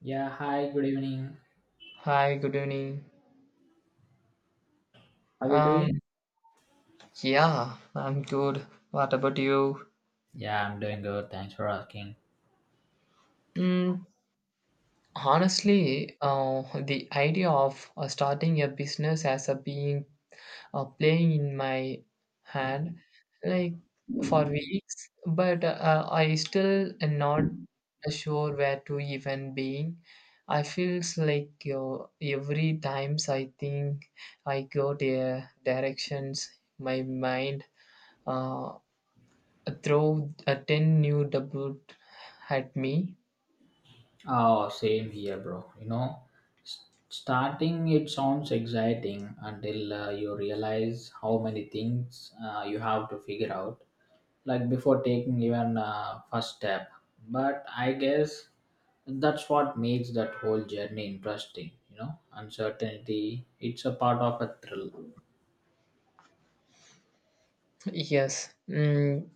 Yeah, hi, good evening. Hi, good evening. How are you Um, doing? yeah, I'm good. What about you? Yeah, I'm doing good. Thanks for asking. Mm, Honestly, the idea of starting a business as a being playing in my hand, like for weeks, but I still am not sure where to even begin. I feels like every times I think I go the directions, my mind uh, throw a 10 new double at me. Oh, same here, bro. You know, starting it sounds exciting until you realize how many things you have to figure out, like before taking even first step. But I guess that's what makes that whole journey interesting. You know, uncertainty. It's a part of a thrill. Yes.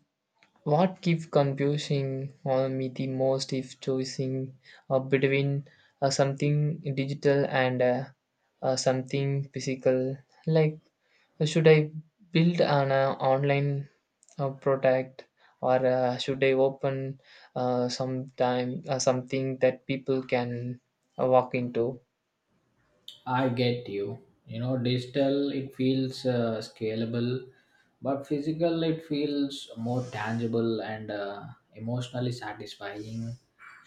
What keeps confusing on me the most is choosing between something digital and something physical. Like, should I build an online product, or should I open sometime something that people can walk into? I get you. You know, digital it feels scalable, but physical it feels more tangible and emotionally satisfying.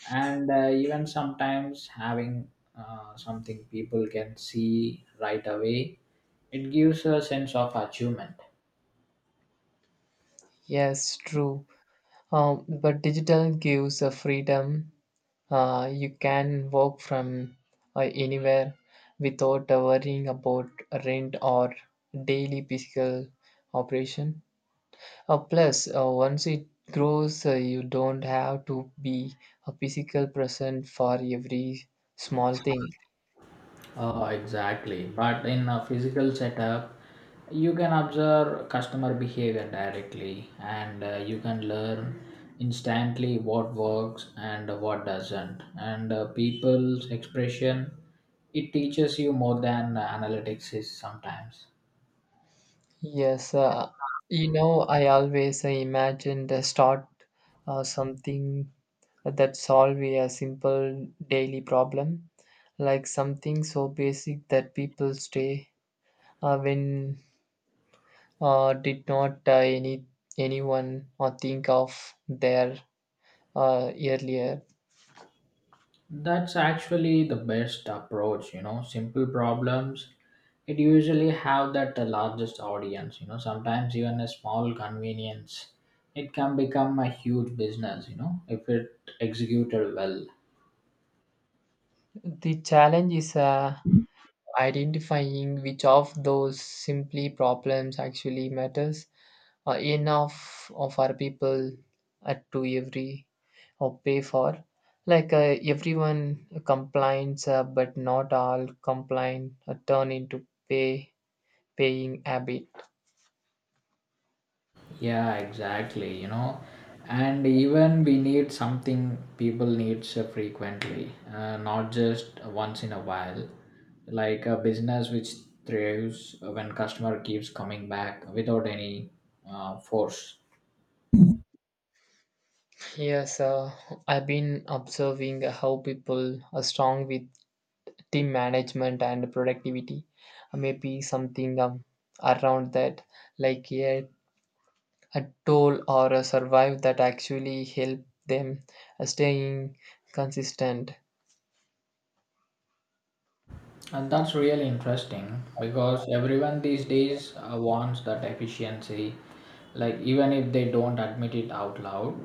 And even sometimes having something people can see right away, it gives a sense of achievement. Yes, true. But digital gives a freedom. You can work from anywhere without worrying about rent or daily physical operation. Plus, once it grows, you don't have to be a physical present for every small thing. Exactly. But in a physical setup, you can observe customer behavior directly and you can learn instantly what works and what doesn't. And people's expression, it teaches you more than analytics is sometimes. Yes, I always imagined start something that solve a simple daily problem, like something so basic that people stay when did not anyone or think of there earlier. That's actually the best approach, you know. Simple problems, it usually have that largest audience, you know. Sometimes even a small convenience, it can become a huge business, you know, if it executed well. The challenge is identifying which of those simply problems actually matters enough of our people to every or pay for, like, everyone complains, but not all complain turn into paying habit. Yeah, exactly, you know. And even we need something people needs frequently, not just once in a while. Like a business which thrives when customer keeps coming back without any force. Yes, I've been observing how people are strong with team management and productivity. Maybe something around that, like a toll or a survive that actually help them staying consistent. And that's really interesting because everyone these days wants that efficiency, like even if they don't admit it out loud.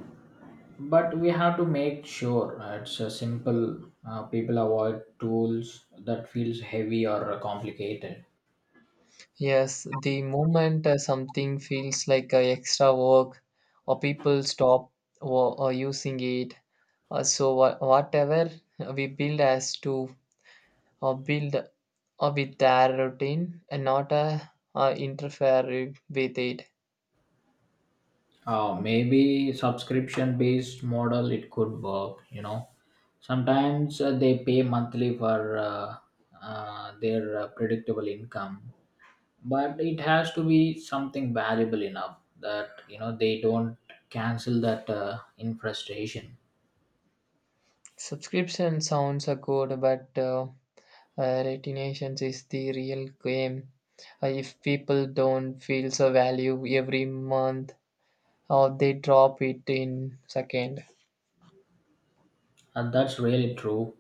But we have to make sure it's a simple. People avoid tools that feels heavy or complicated. Yes, the moment something feels like extra work, or people stop or using it, so whatever we build as to or build with their routine and not interfere with it. Maybe subscription-based model it could work. You know, sometimes they pay monthly for their predictable income, but it has to be something valuable enough that, you know, they don't cancel that in frustration. Subscription sounds are good, but retention is the real game. If people don't feel the value every month, or they drop it in second. And that's really true.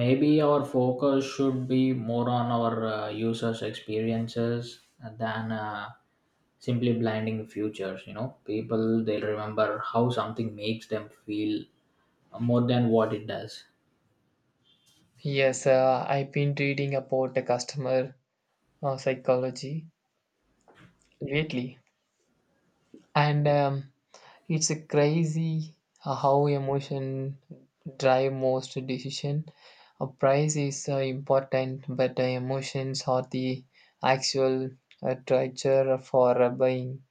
Maybe our focus should be more on our users experiences than simply blinding futures. You know, people they'll remember how something makes them feel more than what it does. Yes, I've been reading about the customer psychology lately, and it's a crazy how emotion drive most decision. A price is important, but the emotions are the actual treasure for buying.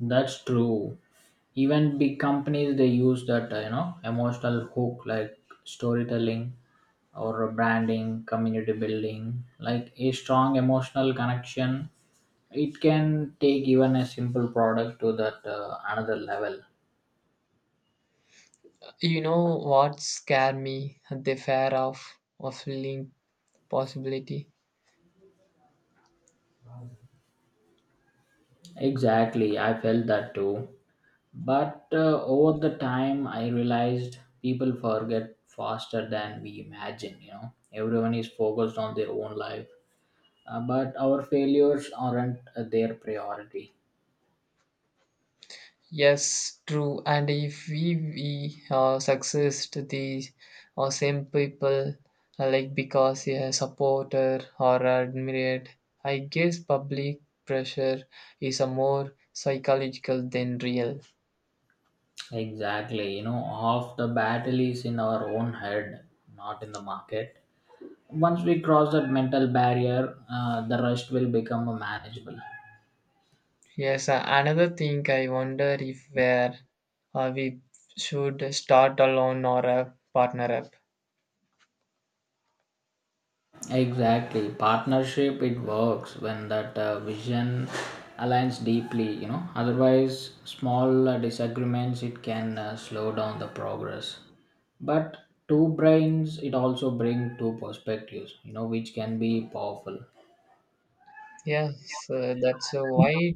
That's true. Even big companies they use that you know emotional hook like storytelling or branding, community building, like a strong emotional connection. It can take even a simple product to that another level. You know what scared me? The fear of link possibility. Exactly, I felt that too. But over the time, I realized people forget faster than we imagine. You know, everyone is focused on their own life. But our failures aren't their priority. Yes, true. And if we success to the same people, like because a supporter or admired, I guess public pressure is a more psychological than real. Exactly. You know, half the battle is in our own head, not in the market. Once we cross that mental barrier, the rest will become manageable. Yes, another thing I wonder, if where we should start alone or a partner up. Exactly. Partnership, it works when that vision aligns deeply, you know. Otherwise, small disagreements, it can slow down the progress. But two brains, it also bring two perspectives, you know, which can be powerful. Yes, that's why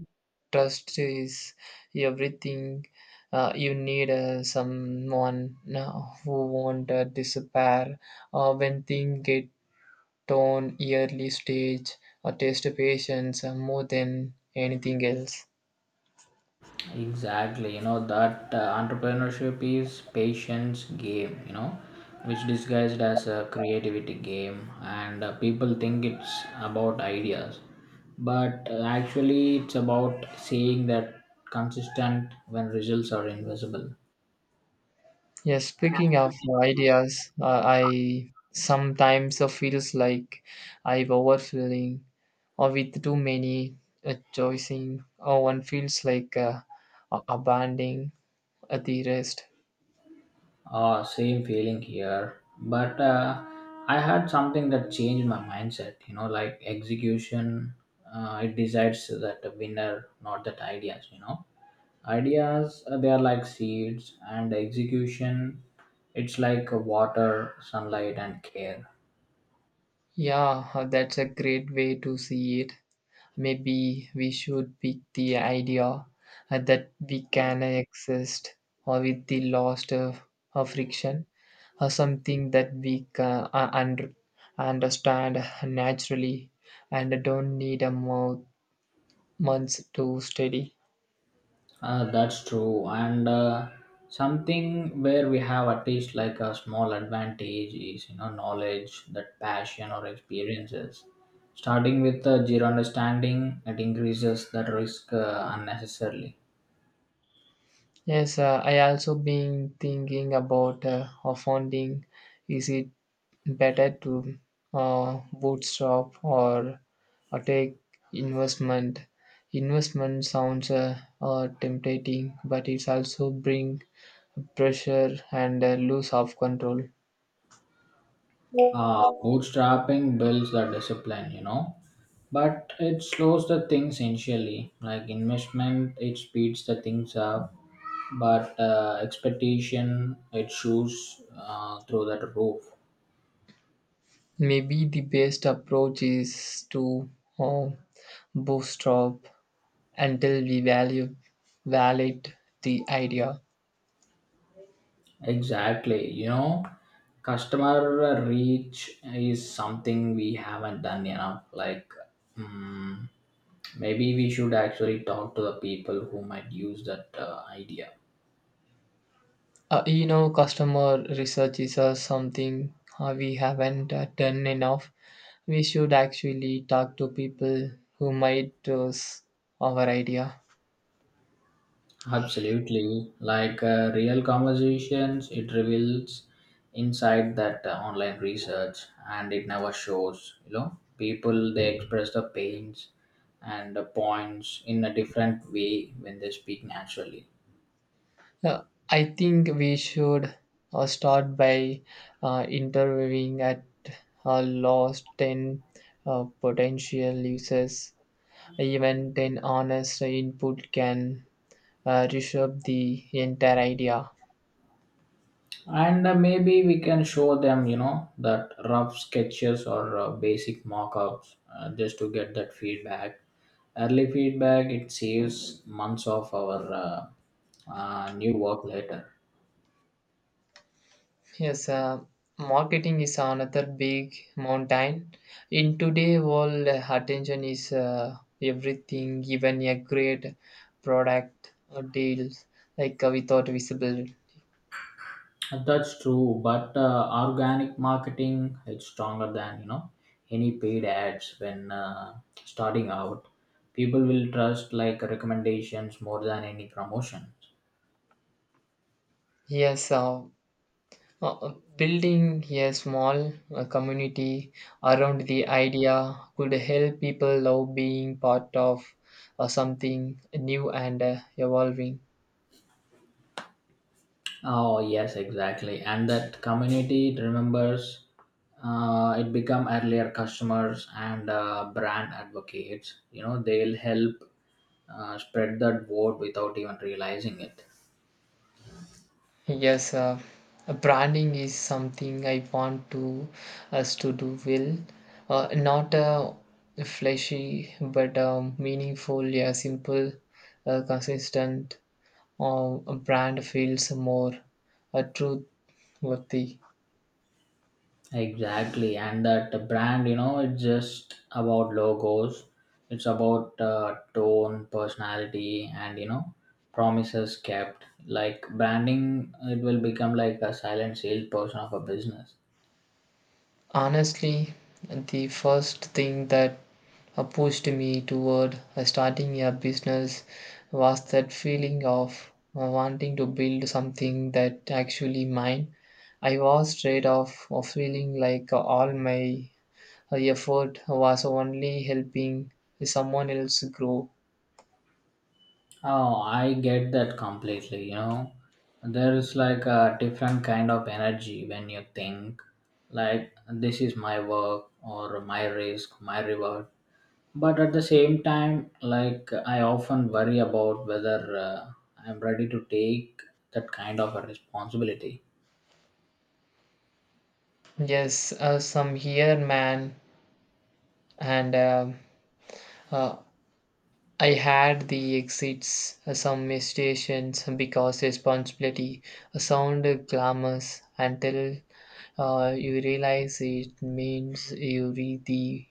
trust is everything. You need someone who won't disappear when things get torn early stage or test patience more than anything else. Exactly, you know that entrepreneurship is patience game, you know, which disguised as a creativity game, and people think it's about ideas, but actually it's about saying that consistent when results are invisible. Yes, speaking of ideas, I sometimes feels like I'm overfilling or with too many choosing, or one feels like abandoning at the rest. Ah, same feeling here, but I had something that changed my mindset. You know, like execution, it decides that the winner, not that ideas. You know, ideas, they are like seeds, and execution, it's like water, sunlight, and care. Yeah, that's a great way to see it. Maybe we should pick the idea that we can exist or with the lost of friction, or something that we can understand naturally and don't need months to study. That's true. And something where we have at least like a small advantage is, you know, knowledge, that passion or experiences. Starting with zero understanding, it increases that risk unnecessarily. Yes, I also been thinking about funding. Is it better to bootstrap or take investment? Investment sounds tempting, but it's also bring pressure and lose of control. Bootstrapping builds the discipline, you know, but it slows the things initially. Like investment, it speeds the things up, but expectation it shoots through that roof. Maybe the best approach is to uh, bootstrap until we value validate the idea. Exactly, you know, customer reach is something we haven't done enough. Like, mm, maybe we should actually talk to the people who might use that idea. Customer research is something we haven't done enough. We should actually talk to people who might use our idea. Absolutely. Like real conversations, it reveals insight that online research and it never shows. You know, people they express the pains and the points in a different way when they speak naturally. Uh, I think we should start by interviewing at last 10 potential users. Even 10 honest input can reshape the entire idea. And maybe we can show them, you know, that rough sketches or basic mock ups just to get that feedback. Early feedback, it saves months of our new work later. Yes, marketing is another big mountain. In today world, attention is everything. Even a great product or deals like, without visibility. And that's true, but organic marketing it's stronger than, you know, any paid ads when starting out. People will trust like recommendations more than any promotion. Yes, building a small community around the idea could help. People love being part of something new and evolving. Oh yes, exactly, and that community it remembers. It become earlier customers and brand advocates. You know, they'll help spread that word without even realizing it. Yes, branding is something I want to us to do well, not flashy but meaningful. Yeah, simple, consistent. A brand feels more truth worthy. Exactly, and that brand, you know, it's just about logos. It's about tone, personality, and, you know, promises kept. Like branding, it will become like a silent salesperson of a business. Honestly, the first thing that pushed me toward starting a business was that feeling of wanting to build something that actually mine. I was straight off of feeling like all my effort was only helping someone else grow. Oh, I get that completely. You know, there is like a different kind of energy when you think, like, this is my work or my risk, my reward. But at the same time, like, I often worry about whether I'm ready to take that kind of a responsibility. Yes, some here, man. And uh, I had the exits, some hesitations because responsibility sound glamorous until you realize it means you read the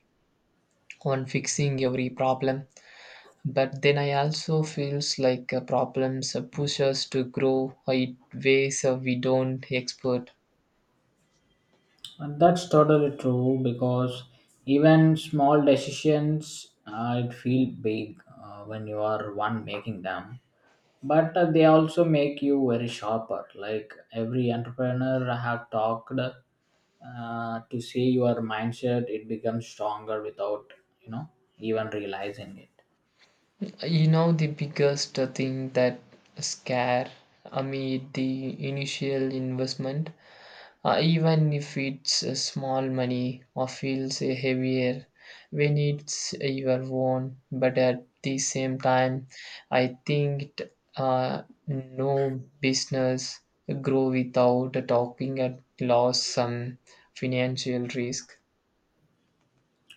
on fixing every problem. But then I also feels like problems push us to grow in ways we don't expect. And that's totally true, because even small decisions it feel big when you are one making them. But they also make you very sharper. Like every entrepreneur I have talked to see your mindset, it becomes stronger without, you know, even realizing it. You know the biggest thing that scare, I mean the initial investment. Even if it's a small money, or feels heavier when it's your own, but at the same time, I think no business grow without talking at loss some financial risk.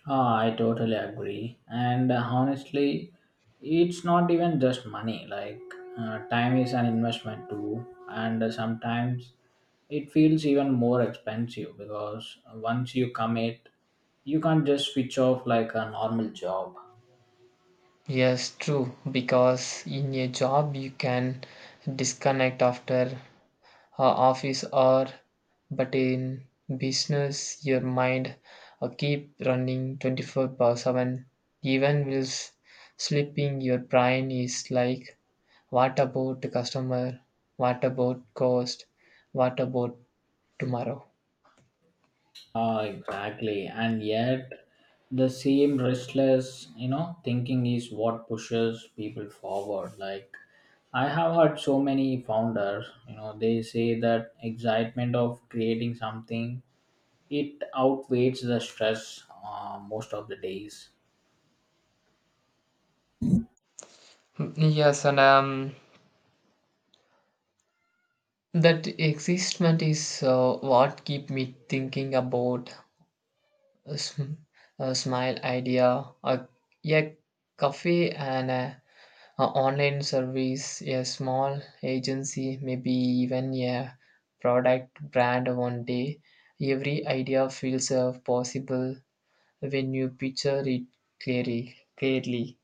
Ah, I totally agree. And honestly, it's not even just money. Like, time is an investment too. And sometimes it feels even more expensive, because once you commit, you can't just switch off like a normal job. Yes, true, because in a job you can disconnect after a office or, but in business your mind keep running 24 by 7, even while sleeping your brain is like, what about the customer, what about cost, what about tomorrow? Exactly. And yet, the same restless, you know, thinking is what pushes people forward. Like, I have heard so many founders, you know, they say that excitement of creating something, it outweighs the stress most of the days. Yes, and that existment is what keep me thinking about a, sm- a smile idea, a cafe, and a online service, a small agency, maybe even a product brand one day. Every idea feels possible when you picture it clearly.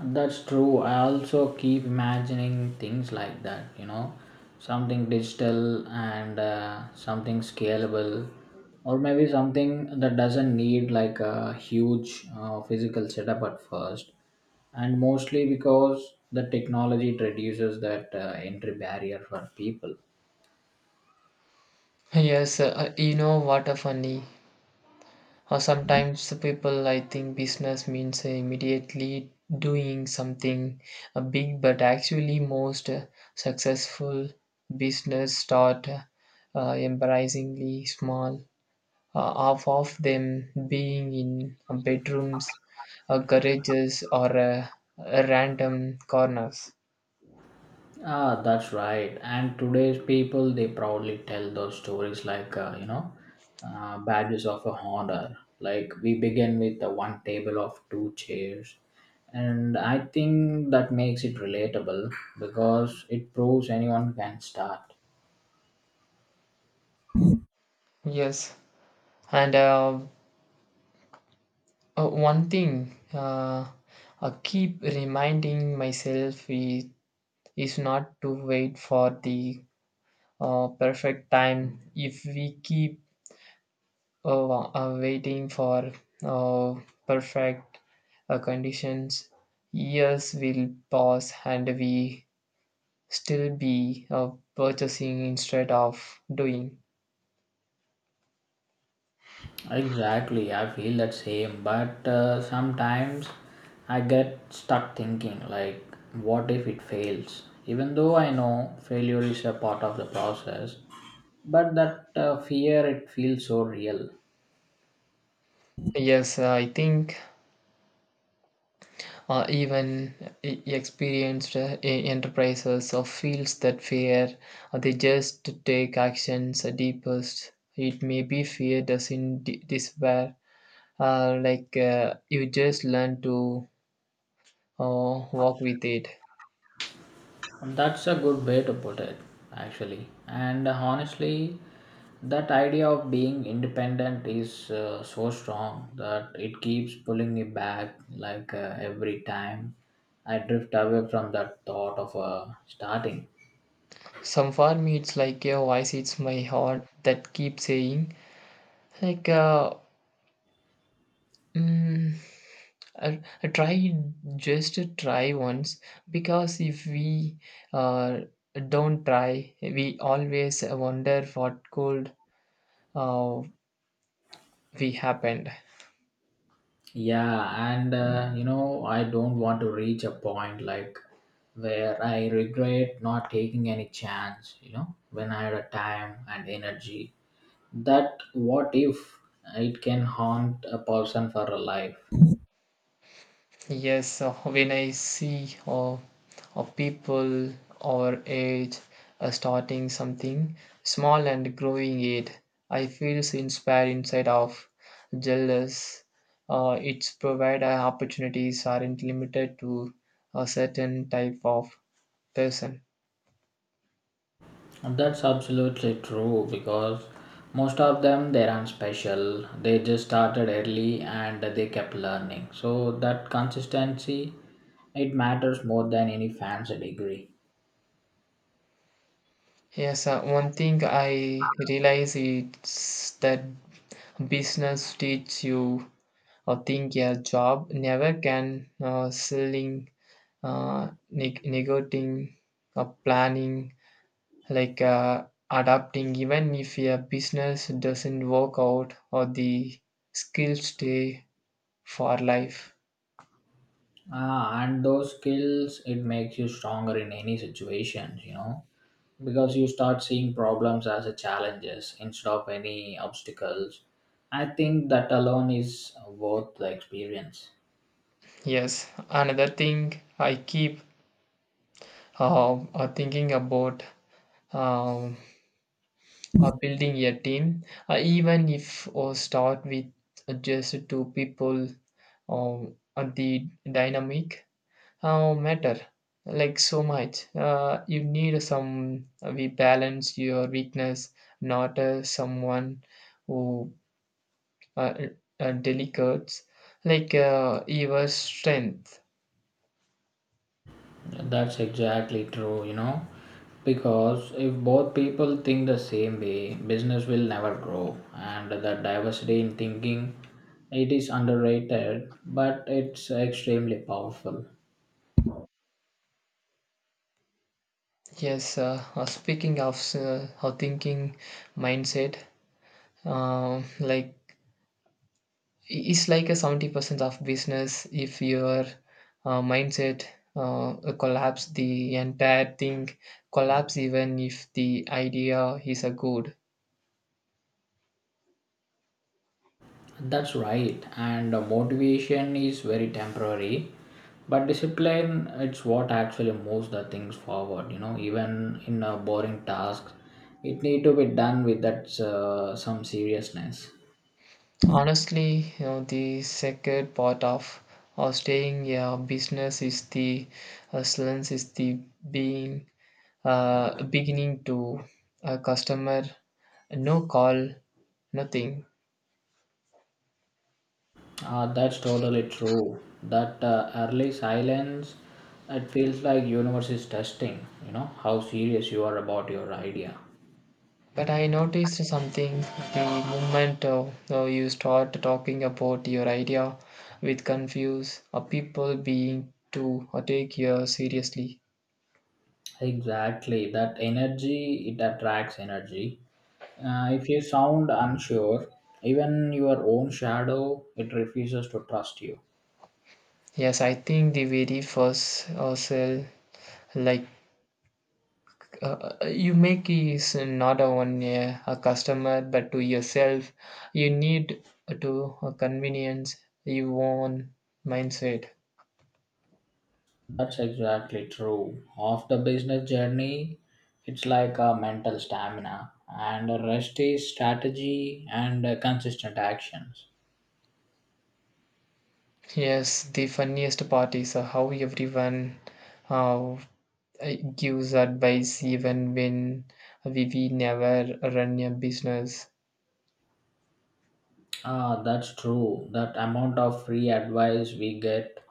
That's true. I also keep imagining things like that, you know, something digital and something scalable, or maybe something that doesn't need like a huge physical setup at first. And mostly because the technology it reduces that entry barrier for people. Yes, you know what a funny. Or sometimes people, I think business means immediately doing something big, but actually most successful business start embarrassingly small, half of them being in bedrooms, garages, or random corners. Ah, that's right. And today's people, they proudly tell those stories like, you know, badges of honor. Like, we begin with the one table of two chairs. And I think that makes it relatable, because it proves anyone can start. Yes, and one thing I keep reminding myself is, not to wait for the perfect time. If we keep waiting for uh, perfect conditions, years will pass and we still be purchasing instead of doing. Exactly, I feel that same, but sometimes I get stuck thinking, like, what if it fails? Even though I know failure is a part of the process, but that fear it feels so real. Yes, I think even experienced enterprises or fields that fear, they just take actions deepest. It may be fear doesn't despair. Like, you just learn to walk with it. That's a good way to put it, actually. And honestly, that idea of being independent is so strong that it keeps pulling me back. Like every time I drift away from that thought of starting. Some for me, it's like your voice, it's my heart that keeps saying, like. Mm, I, try just try once, because if we uh, don't try, we always wonder what could uh, we happened. Yeah, and you know, I don't want to reach a point like where I regret not taking any chance, you know, when I had a time and energy. That what if, it can haunt a person for a life. Yes, when I see people our age starting something small and growing it, I feel so inspired inside of jealous. It's provide opportunities aren't limited to a certain type of person. That's absolutely true, because most of them they aren't special. They just started early and they kept learning, so that consistency it matters more than any fancy degree. Yes, one thing I realize is that business teach you or think your job never can, selling, negotiating, or planning, like adapting. Even if your business doesn't work out, or the skills stay for life. Ah, and those skills, it makes you stronger in any situation, you know, because you start seeing problems as a challenges instead of any obstacles. I think that alone is worth the experience. Yes, another thing I keep thinking about, um, building a team, even if or start with just two people, the dynamic matter like so much. You need some we balance your weakness, not someone who uh, delicates like your strength. That's exactly true, you know, because if both people think the same way, business will never grow, and that diversity in thinking, it is underrated, but it's extremely powerful. Yes, speaking of thinking mindset, like it's like a 70% of business. If your mindset collapse, the entire thing collapse, even if the idea is a good. That's right, and motivation is very temporary, but discipline it's what actually moves the things forward. You know, even in a boring task, it need to be done with that some seriousness. Honestly, the second part of staying a business is the silence, is the being beginning to a customer, no call, nothing. That's totally true. That early silence, it feels like universe is testing. You know how serious you are about your idea. But I noticed something, the moment you start talking about your idea with confused people being to take you seriously. Exactly, that energy it attracts energy. If you sound unsure, even your own shadow it refuses to trust you. Yes, I think the very first sell, like uh, you make is not only a, customer but to yourself. You need to convenience your own mindset. That's exactly true. Of the business journey, it's like a mental stamina, and the rest is strategy and consistent actions. Yes, the funniest part is how everyone uh, gives advice even when we never run a business. Ah, that's true. That amount of free advice we get,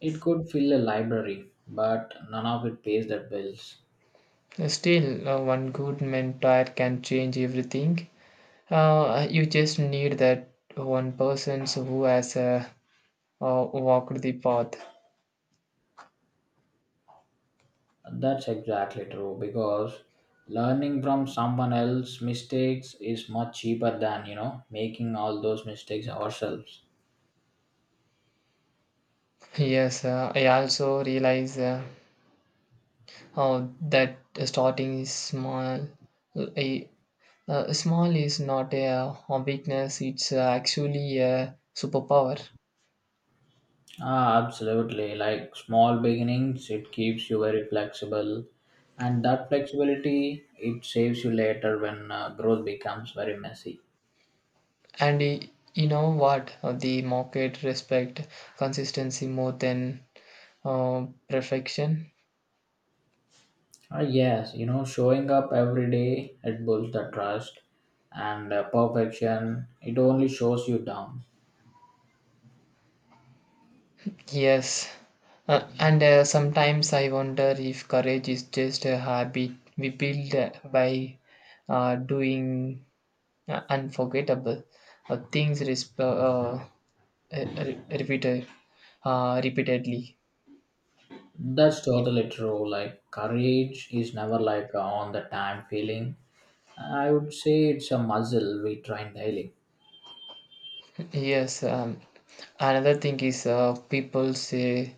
it could fill a library, but none of it pays the bills. Still, one good mentor can change everything. You just need that one person who has walked the path. That's exactly true, because learning from someone else's mistakes is much cheaper than, you know, making all those mistakes ourselves. Yes, I also realize that starting is small. A, Small is not a weakness, it's actually a superpower. Ah, absolutely. Like small beginnings, it keeps you very flexible, and that flexibility it saves you later when growth becomes very messy. And you know what? The market respect consistency more than perfection. Ah, yes, you know, showing up every day it builds the trust, and perfection it only shows you down. Yes. And sometimes I wonder if courage is just a habit we build by doing unforgettable things uh, re- repeated repeatedly. That's totally true. Like, courage is never like a on the time feeling. I would say it's a muscle we train daily. Yes. Another thing is, people say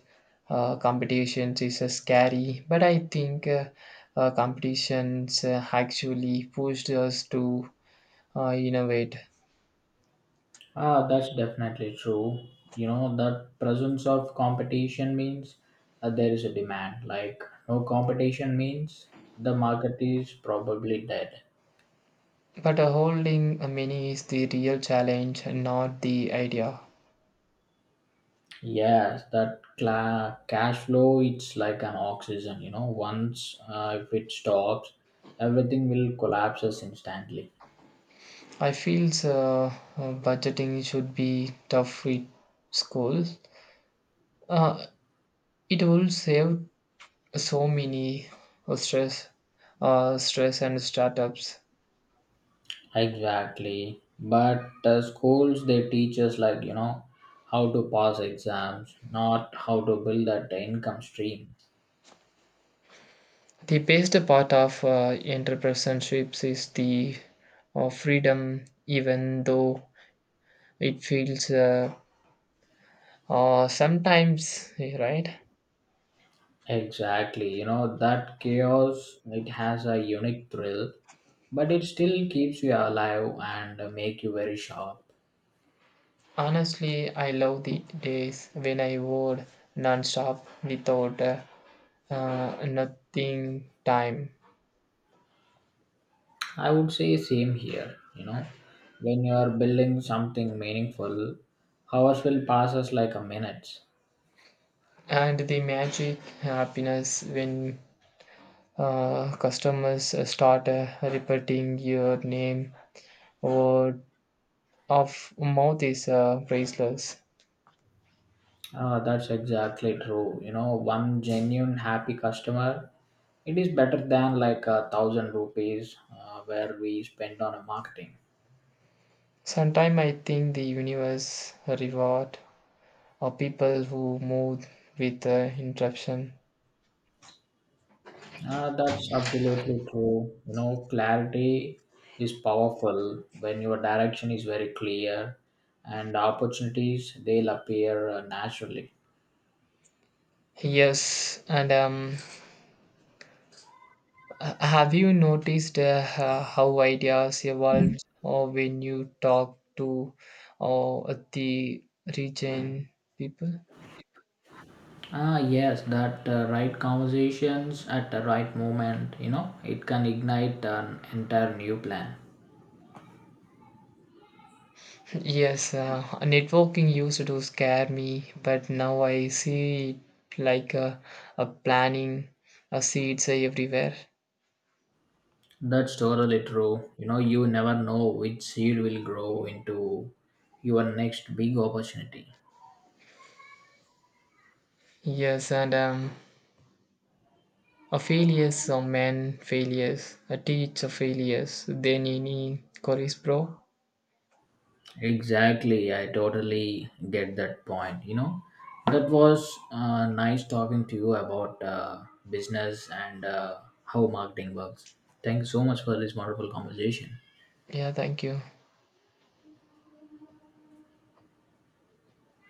competitions is scary, but I think competitions actually pushed us to innovate. Ah, that's definitely true. You know, that presence of competition means there is a demand. Like, no competition means the market is probably dead. But holding many is the real challenge, not the idea. Yes, that cash flow, it's like an oxygen. You know, once if it stops, everything will collapses instantly. I feel budgeting should be tough with schools. Uh, it will save so many uh, stress, stress and startups. Exactly. But the schools they teach us like, you know, how to pass exams, not how to build that income stream. The best part of entrepreneurships is the freedom, even though it feels sometimes right. Exactly. You know, that chaos it has a unique thrill, but it still keeps you alive and make you very sharp. Honestly, I love the days when I would non-stop without nothing time, I would say same here, you know. When you are building something meaningful, hours will pass us like a minutes. and the magic happiness when customers start repeating your name. Word of mouth is priceless. Ah, that's exactly true. You know, one genuine happy customer it is better than like a 1,000 rupees where we spend on a marketing. Sometimes I think the universe reward or people who move with interruption. That's absolutely true, you know, clarity is powerful when your direction is very clear, and opportunities they'll appear naturally. Yes, and have you noticed how ideas evolved or when you talk to or the region people? Ah yes, that right conversations at the right moment, you know, it can ignite an entire new plan. Yes, networking used to scare me, but now I see it like a planning, a seeds everywhere. That's totally true, you know, you never know which seed will grow into your next big opportunity. Yes, and a failures are men failures, a teacher failures, then any Corey's bro. Exactly, I totally get that point. You know, that was nice talking to you about business and how marketing works. Thank you so much for this wonderful conversation. Yeah, thank you.